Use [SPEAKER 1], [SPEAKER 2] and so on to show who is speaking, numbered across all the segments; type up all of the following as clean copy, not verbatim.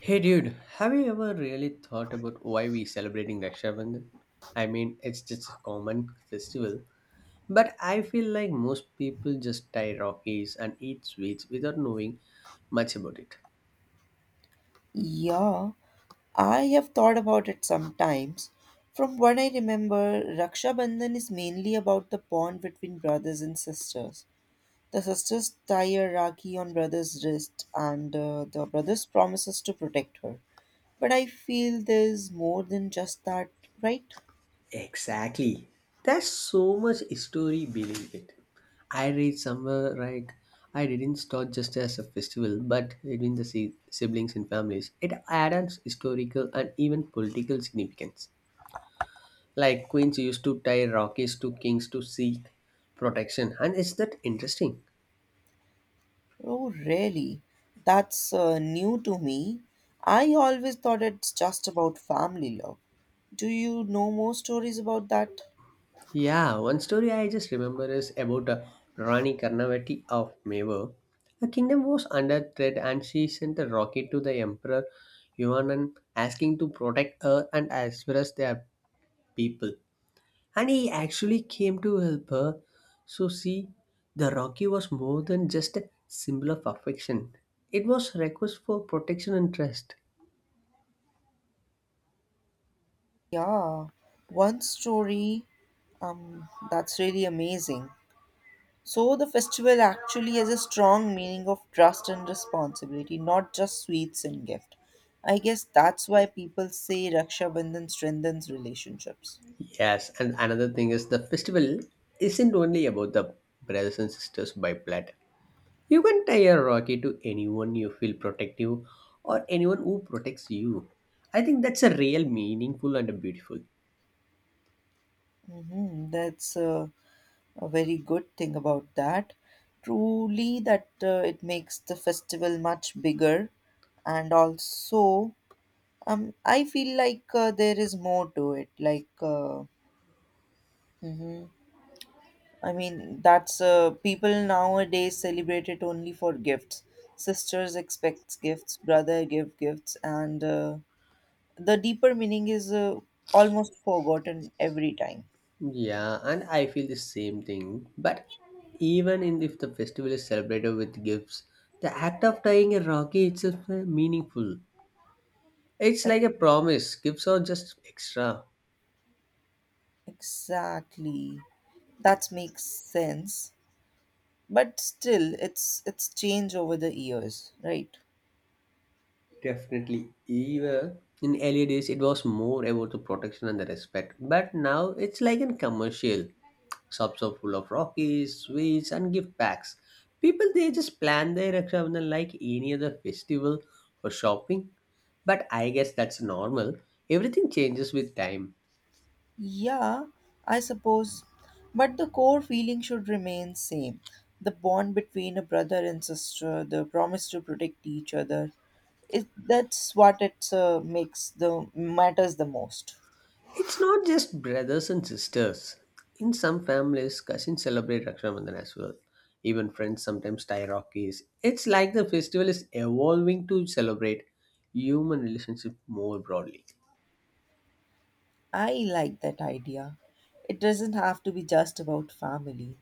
[SPEAKER 1] Hey dude, have you ever really thought about why we celebrating Raksha Bandhan? It's just a common festival, but I feel like most people just tie Rockies and eat sweets without knowing much about it.
[SPEAKER 2] Yeah, I have thought about it sometimes. From what I remember, Raksha Bandhan is mainly about the bond between brothers and sisters. The sisters tie a rakhi on brother's wrist, and the brothers promises to protect her. But I feel there's more than just that, right?
[SPEAKER 1] Exactly. There's so much history behind it. I read somewhere like I didn't start just as a festival, but between the siblings and families, it adds historical and even political significance. Like queens used to tie rockies to kings to seek protection, and is that interesting?
[SPEAKER 2] Oh, really? That's new to me. I always thought it's just about family love. Do you know more stories about that?
[SPEAKER 1] Yeah, one story I just remember is about Rani Karnavati of Mewar. Her kingdom was under threat and she sent a rocket to the emperor Yuanan, asking to protect her and as well as their people, and he actually came to help her. So see, the rocky was more than just a symbol of affection, it was a request for protection and trust.
[SPEAKER 2] Yeah, one story. That's really amazing. So the festival actually has a strong meaning of trust and responsibility, not just sweets and gift. I guess that's why people say Raksha Bandhan strengthens relationships.
[SPEAKER 1] Yes, and another thing is the festival isn't only about the brothers and sisters by blood. You can tie a rocky to anyone you feel protective or anyone who protects you. I think that's a real meaningful and a beautiful.
[SPEAKER 2] Mm-hmm. A very good thing about that. Truly, that it makes the festival much bigger, and also, I feel like there is more to it. Hmm I mean, that's people nowadays celebrate it only for gifts. Sisters expect gifts, brother give gifts, and the deeper meaning is almost forgotten every time.
[SPEAKER 1] Yeah, and I feel the same thing. But even in if the festival is celebrated with gifts, the act of tying a rocky itself is meaningful. It's
[SPEAKER 2] Yep,
[SPEAKER 1] like a promise. Gifts are just extra.
[SPEAKER 2] exactly. That makes sense. But still, it's change over the years, right?
[SPEAKER 1] Definitely. Even in earlier days, it was more about the protection and the respect. But now it's like in commercial. Shops are full of rockies, sweets, and gift packs. People they just plan their Rakshabandhan like any other festival or shopping. But I guess that's normal. Everything changes with time.
[SPEAKER 2] Yeah, I suppose. But the core feeling should remain same. The bond between a brother and sister, the promise to protect each other. That's what it makes the matters the most.
[SPEAKER 1] It's not just brothers and sisters. In some families, cousins celebrate Raksha Bandhan as well. Even friends sometimes tie Rockies. It's like the festival is evolving to celebrate human relationship more broadly.
[SPEAKER 2] I like that idea. It doesn't have to be just about family.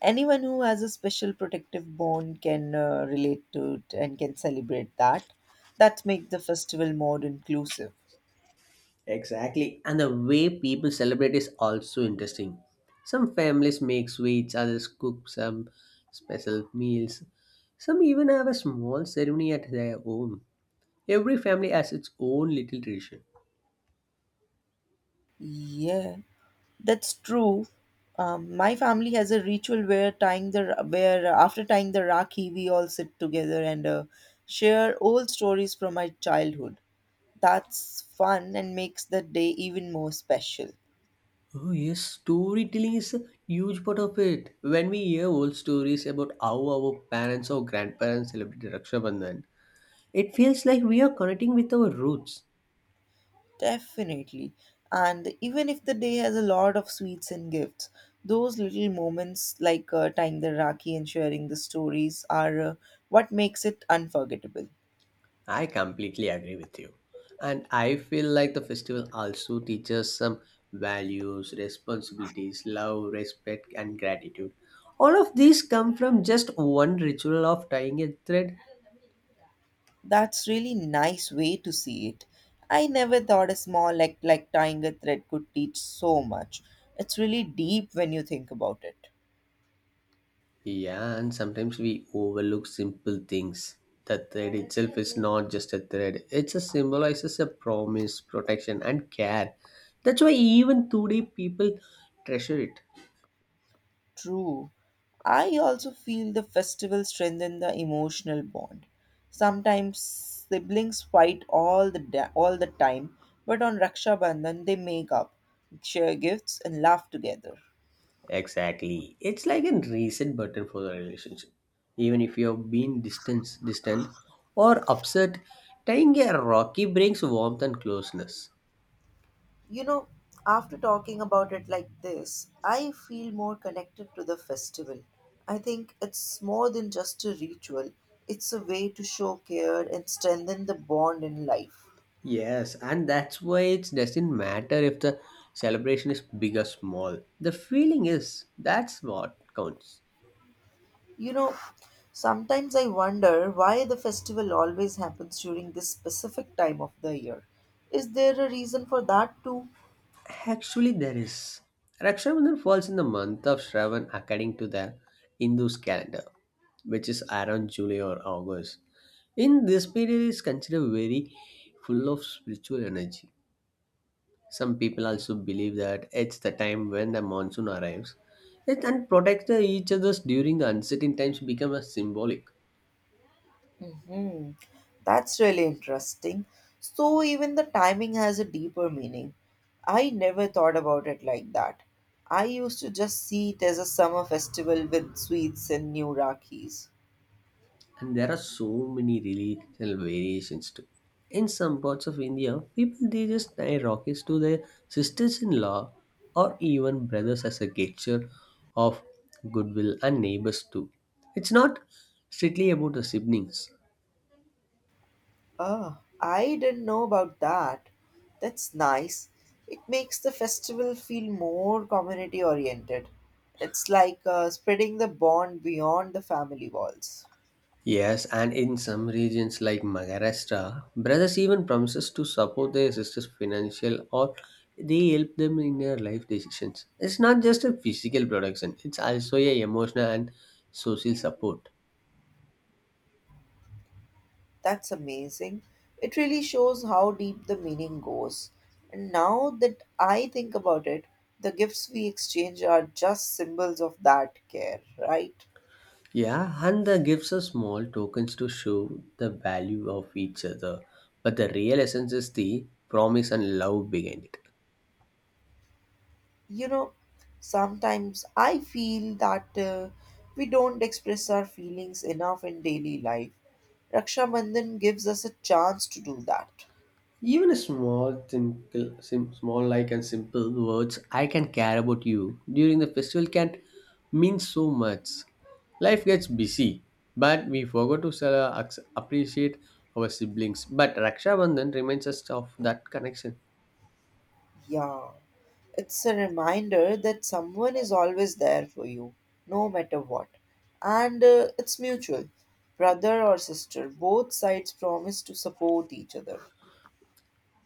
[SPEAKER 2] Anyone who has a special protective bond can relate to it and can celebrate that. That makes the festival more inclusive.
[SPEAKER 1] Exactly. And the way people celebrate is also interesting. Some families make sweets, others cook some special meals. Some even have a small ceremony at their home. Every family has its own little tradition.
[SPEAKER 2] Yeah, that's true. My family has a ritual where tying the where after tying the rakhi, we all sit together and share old stories from my childhood. That's fun and makes the day even more special.
[SPEAKER 1] Oh, yes, storytelling is a huge part of it. When we hear old stories about how our parents or grandparents celebrated Raksha Bandhan, it feels like we are connecting with our roots.
[SPEAKER 2] Definitely. And even if the day has a lot of sweets and gifts, those little moments like tying the rakhi and sharing the stories are what makes it unforgettable.
[SPEAKER 1] I completely agree with you. And I feel like the festival also teaches some values, responsibilities, love, respect, and gratitude. All of these come from just one ritual of tying a thread.
[SPEAKER 2] That's really nice way to see it. I never thought a small act like tying a thread could teach so much. It's really deep when you think about it.
[SPEAKER 1] Yeah, and sometimes we overlook simple things. The thread itself is not just a thread, it symbolizes a promise, protection, and care. That's why even today people treasure it.
[SPEAKER 2] True. I also feel the festival strengthen the emotional bond. Sometimes siblings fight all the time, but on Raksha Bandhan they make up, share gifts and laugh together.
[SPEAKER 1] Exactly. It's like a reset button for the relationship. Even if you have been distant or upset, tying a rocky brings warmth and closeness.
[SPEAKER 2] You know, after talking about it like this, I feel more connected to the festival. I think it's more than just a ritual, it's a way to show care and strengthen the bond in life.
[SPEAKER 1] Yes, and that's why it doesn't matter if the celebration is big or small. The feeling is that's what counts.
[SPEAKER 2] You know, sometimes I wonder why the festival always happens during this specific time of the year. Is there a reason for that too?
[SPEAKER 1] Actually, there is. Rakshabandhan falls in the month of Shravan according to the Hindu calendar, which is around July or August. In this period is considered very full of spiritual energy. Some people also believe that it's the time when the monsoon arrives. It and protect each others during the uncertain times become a symbolic.
[SPEAKER 2] Mhm. That's really interesting. So, even the timing has a deeper meaning. I never thought about it like that. I used to just see it as a summer festival with sweets and new rakhis.
[SPEAKER 1] And there are so many regional variations too. In some parts of India, people they just tie rockets to their sisters-in-law or even brothers as a gesture of goodwill and neighbors too. It's not strictly about the siblings.
[SPEAKER 2] Oh, I didn't know about that. That's nice. It makes the festival feel more community oriented. It's like spreading the bond beyond the family walls.
[SPEAKER 1] Yes, and in some regions like Maharashtra, brothers even promises to support their sisters financial or they help them in their life decisions. It's not just a physical protection; it's also a emotional and social support.
[SPEAKER 2] That's amazing. It really shows how deep the meaning goes. And now that I think about it, the gifts we exchange are just symbols of that care, right?
[SPEAKER 1] Yeah, and the gifts are small tokens to show the value of each other, but the real essence is the promise and love behind it.
[SPEAKER 2] You know, sometimes I feel that we don't express our feelings enough in daily life. Raksha Bandhan gives us a chance to do that.
[SPEAKER 1] Even a small, simple, small like and simple words "I can care about you" during the festival can mean so much. Life gets busy, but we forgot to sell, appreciate our siblings. But Raksha Bandhan reminds us of that connection.
[SPEAKER 2] Yeah, it's a reminder that someone is always there for you, no matter what. And it's mutual. Brother or sister, both sides promise to support each other.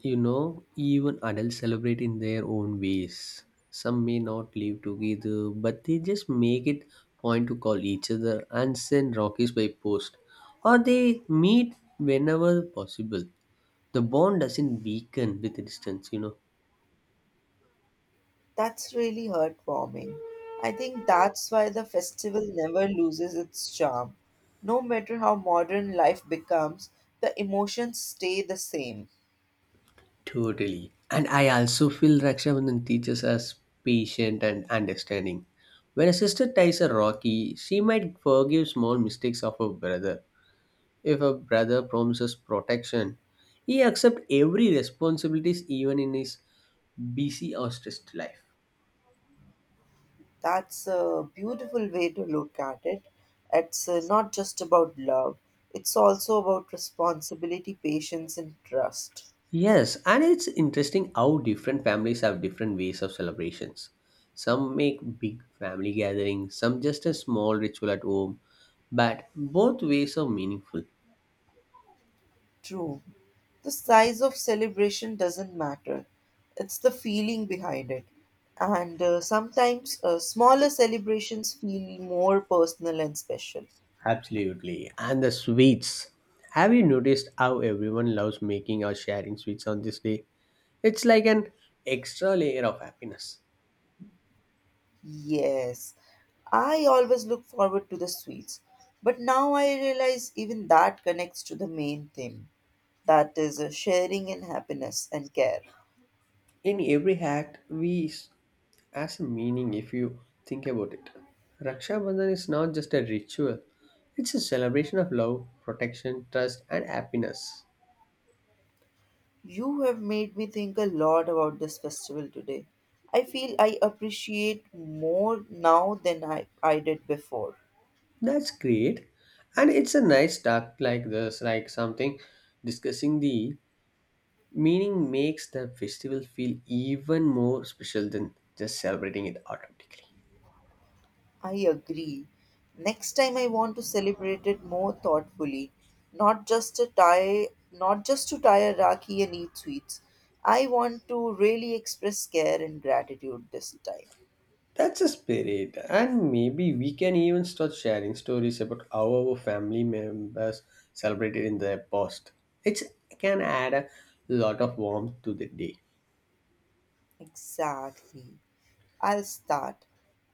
[SPEAKER 1] You know, even adults celebrate in their own ways. Some may not live together, but they just make it point to call each other and send rockets by post, or they meet whenever possible. The bond doesn't weaken with the distance, you know.
[SPEAKER 2] That's really heartwarming. I think that's why the festival never loses its charm. No matter how modern life becomes, the emotions stay the same.
[SPEAKER 1] Totally. And I also feel Rakshabandhan teaches us patience and understanding. When a sister ties a Rocky, she might forgive small mistakes of her brother. If a brother promises protection, he accepts every responsibilities even in his busy or stressed life.
[SPEAKER 2] That's a beautiful way to look at it. It's not just about love, it's also about responsibility, patience, and trust.
[SPEAKER 1] Yes, and it's interesting how different families have different ways of celebrations. Some make big family gatherings, some just a small ritual at home, but both ways are meaningful.
[SPEAKER 2] True. The size of celebration doesn't matter, it's the feeling behind it. And sometimes smaller celebrations feel more personal and special.
[SPEAKER 1] Absolutely. And the sweets. Have you noticed how everyone loves making or sharing sweets on this day? It's like an extra layer of happiness.
[SPEAKER 2] Yes, I always look forward to the sweets, but now I realize even that connects to the main theme. That is a sharing in happiness and care.
[SPEAKER 1] In every act, we as a meaning if you think about it. Raksha Bandhan is not just a ritual, it's a celebration of love, protection, trust, and happiness.
[SPEAKER 2] You have made me think a lot about this festival today. I feel I appreciate more now than I did before.
[SPEAKER 1] That's great. And it's a nice talk like this, like something discussing the meaning makes the festival feel even more special than just celebrating it automatically.
[SPEAKER 2] I agree. Next time I want to celebrate it more thoughtfully, not just to tie a rakhi and eat sweets. I want to really express care and gratitude this time.
[SPEAKER 1] That's a spirit, and maybe we can even start sharing stories about how our family members celebrated in the past. It can add a lot of warmth to the day.
[SPEAKER 2] Exactly. I'll start.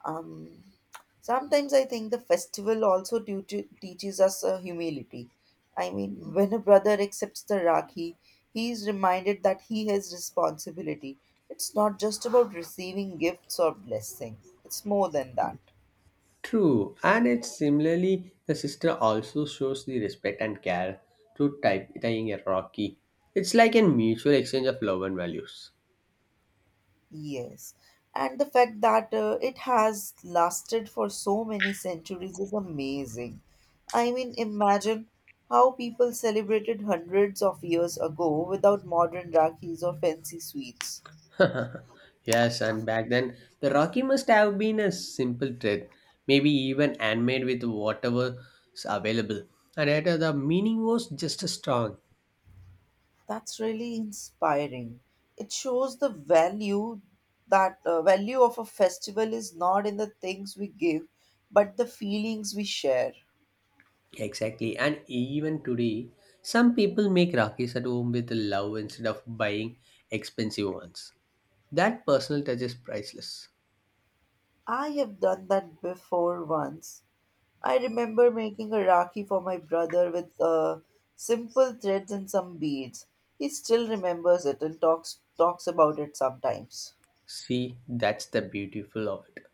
[SPEAKER 2] Um, Sometimes I think the festival also teaches us humility. I mean, when a brother accepts the Rakhi, he is reminded that he has responsibility. It's not just about receiving gifts or blessing, it's more than that.
[SPEAKER 1] True, and it's similarly the sister also shows the respect and care through tying a rocky. It's like a mutual exchange of love and values.
[SPEAKER 2] Yes, and the fact that it has lasted for so many centuries is amazing. I mean, imagine how people celebrated hundreds of years ago without modern rakhis or fancy sweets.
[SPEAKER 1] Yes, and back then the Rocky must have been a simple thread, maybe even handmade with whatever is available. And later the meaning was just as strong.
[SPEAKER 2] That's really inspiring. It shows the value of a festival is not in the things we give, but the feelings we share.
[SPEAKER 1] Exactly, and even today, some people make Rakis at home with love instead of buying expensive ones. That personal touch is priceless.
[SPEAKER 2] I have done that before once. I remember making a Rakhi for my brother with simple threads and some beads. He still remembers it and talks about it sometimes.
[SPEAKER 1] See, that's the beautiful of it.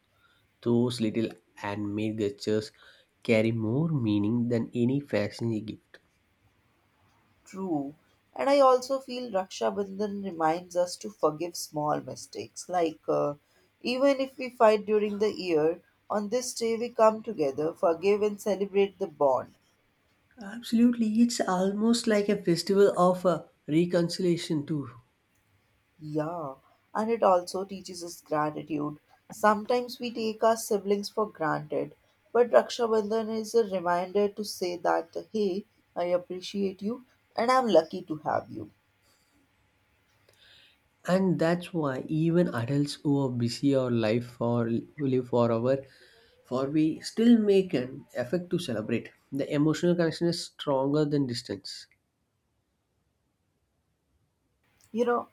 [SPEAKER 1] Those little handmade gestures carry more meaning than any fashion gift.
[SPEAKER 2] True. And I also feel Raksha Bandhan reminds us to forgive small mistakes. Like, even if we fight during the year, on this day we come together, forgive, and celebrate the bond.
[SPEAKER 1] Absolutely. It's almost like a festival of reconciliation, too.
[SPEAKER 2] Yeah, and it also teaches us gratitude. Sometimes we take our siblings for granted, but Raksha Bandhan is a reminder to say that, hey, I appreciate you and I'm lucky to have you.
[SPEAKER 1] And that's why even adults who are busy or life for live for our for we still make an effort to celebrate. The emotional connection is stronger than distance.
[SPEAKER 2] You know,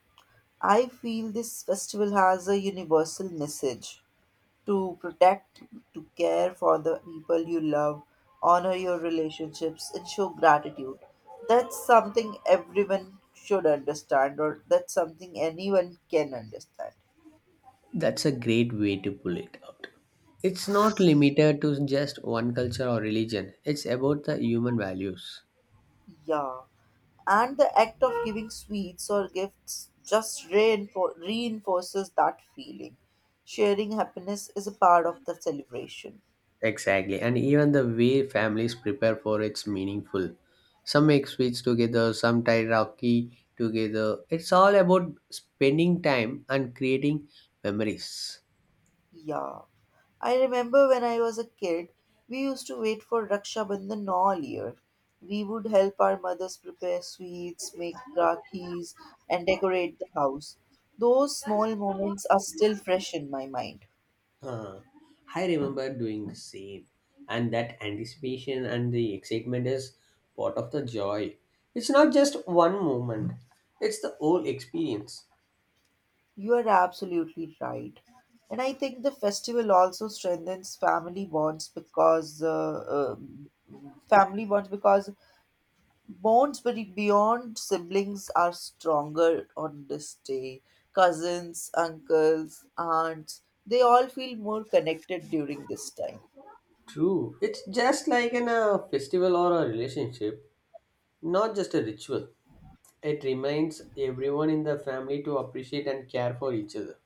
[SPEAKER 2] I feel this festival has a universal message to protect, to care for the people you love, honor your relationships, and show gratitude. That's something everyone should understand, or that's something anyone can understand.
[SPEAKER 1] That's a great way to pull it out. It's not limited to just one culture or religion. It's about the human values.
[SPEAKER 2] Yeah, and the act of giving sweets or gifts just reinforces that feeling. Sharing happiness is a part of the celebration.
[SPEAKER 1] Exactly, and even the way families prepare for it's meaningful. Some make sweets together, some tie rocky together. It's all about spending time and creating memories.
[SPEAKER 2] Yeah, I remember when I was a kid, we used to wait for Raksha Bandhan all year. We would help our mothers prepare sweets, make rakhis, and decorate the house. Those small moments are still fresh in my mind.
[SPEAKER 1] Huh. I remember doing the same, and that anticipation and the excitement is part of the joy. It's not just one moment; it's the whole experience.
[SPEAKER 2] You are absolutely right. And I think the festival also strengthens family bonds because beyond siblings are stronger on this day. Cousins, uncles, aunts, they all feel more connected during this time.
[SPEAKER 1] True, it's just like in a festival or a relationship, not just a ritual. It reminds everyone in the family to appreciate and care for each other.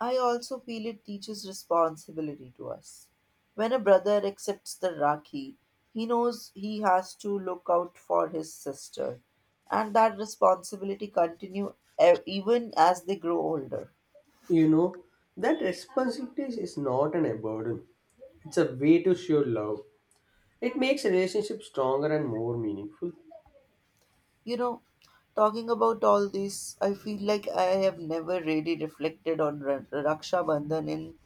[SPEAKER 2] I also feel it teaches responsibility to us. When a brother accepts the Rakhi, he knows he has to look out for his sister, and that responsibility continue even as they grow older.
[SPEAKER 1] You know, that responsibility is not an burden. It's a way to show love. It makes relationships stronger and more meaningful.
[SPEAKER 2] You know, talking about all this, I feel like I have never really reflected on Raksha Bandhan in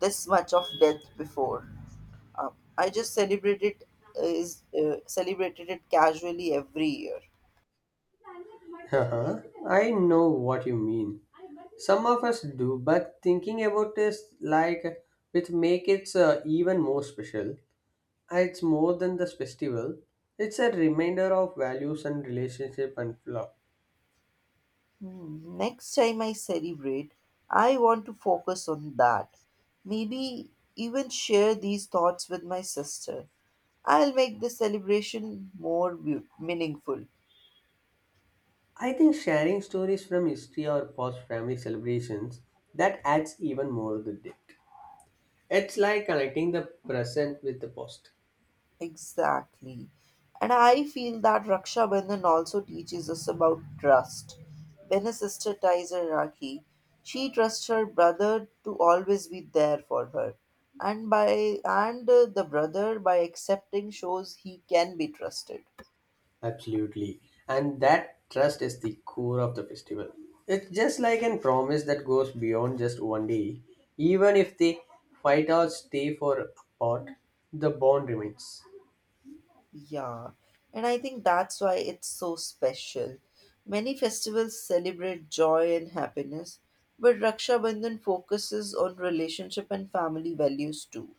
[SPEAKER 2] this much of depth before. I just celebrated it casually every year.
[SPEAKER 1] Haha, I know what you mean. Some of us do, but thinking about this, like, which make it even more special. It's more than this festival. It's a reminder of values and relationship and love.
[SPEAKER 2] Hmm, next time I celebrate, I want to focus on that. Maybe even share these thoughts with my sister. I'll make the celebration meaningful.
[SPEAKER 1] I think sharing stories from history or past family celebrations that adds even more to the depth. It's like connecting the present with the past.
[SPEAKER 2] Exactly. And I feel that Raksha Bandhan also teaches us about trust. When a sister ties her Rakhi, she trusts her brother to always be there for her. And the brother by accepting shows he can be trusted.
[SPEAKER 1] Absolutely. And that trust is the core of the festival. It's just like a promise that goes beyond just one day. Even if they fight or stay for apart, the bond remains.
[SPEAKER 2] Yeah, and I think that's why it's so special. Many festivals celebrate joy and happiness, but Raksha Bandhan focuses on relationship and family values too.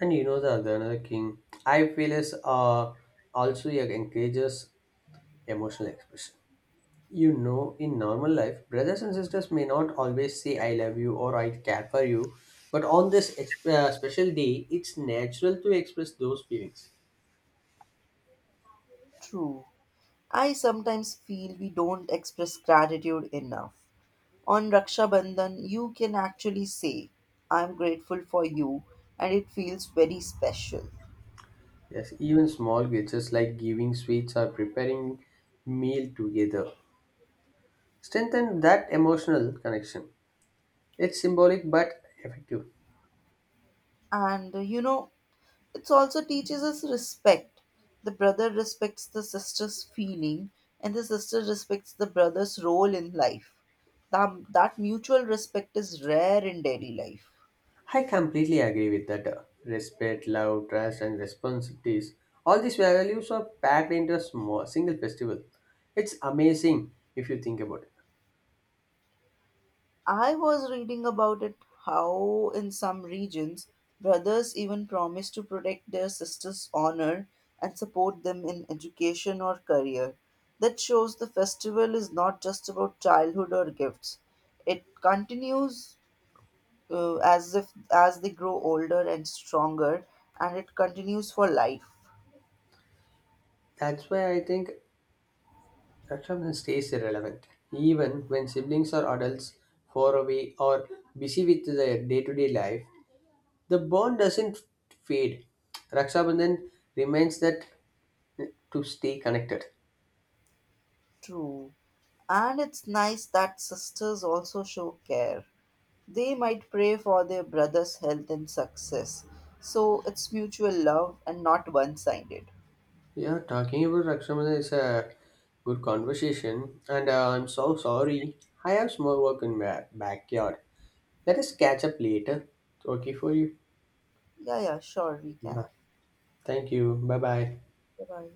[SPEAKER 1] And you know the other another king I feel is also yeah, encourages emotional expression. You know, in normal life, brothers and sisters may not always say I love you or I care for you, but on this special day, it's natural to express those feelings.
[SPEAKER 2] True. I sometimes feel we don't express gratitude enough. On Raksha Bandhan, you can actually say, I'm grateful for you, and it feels very special.
[SPEAKER 1] Yes, even small gestures like giving sweets or preparing meal together strengthen that emotional connection. It's symbolic but effective.
[SPEAKER 2] And you know, it also teaches us respect. The brother respects the sister's feeling, and the sister respects the brother's role in life. That mutual respect is rare in daily life.
[SPEAKER 1] I completely agree with that. Respect, love, trust, and responsibilities. All these values are packed into a small, single festival. It's amazing if you think about it.
[SPEAKER 2] I was reading about it how, in some regions, brothers even promise to protect their sisters' honor and support them in education or career. That shows the festival is not just about childhood or gifts, it continues as if as they grow older and stronger and it continues for life.
[SPEAKER 1] That's why I think attraction stays relevant, even when siblings or adults far away or busy with their day-to-day life. The bond doesn't fade. Raksha Bandhan reminds that to stay connected.
[SPEAKER 2] True, and it's nice that sisters also show care. They might pray for their brother's health and success, so it's mutual love and not one-sided.
[SPEAKER 1] Yeah, talking about Raksha Bandhan is a good conversation, and I'm so sorry. I have small work in my backyard. Let us catch up later. Okay for you?
[SPEAKER 2] Yeah, yeah, sure, we can.
[SPEAKER 1] Yeah. Thank you. Bye bye.
[SPEAKER 2] Bye.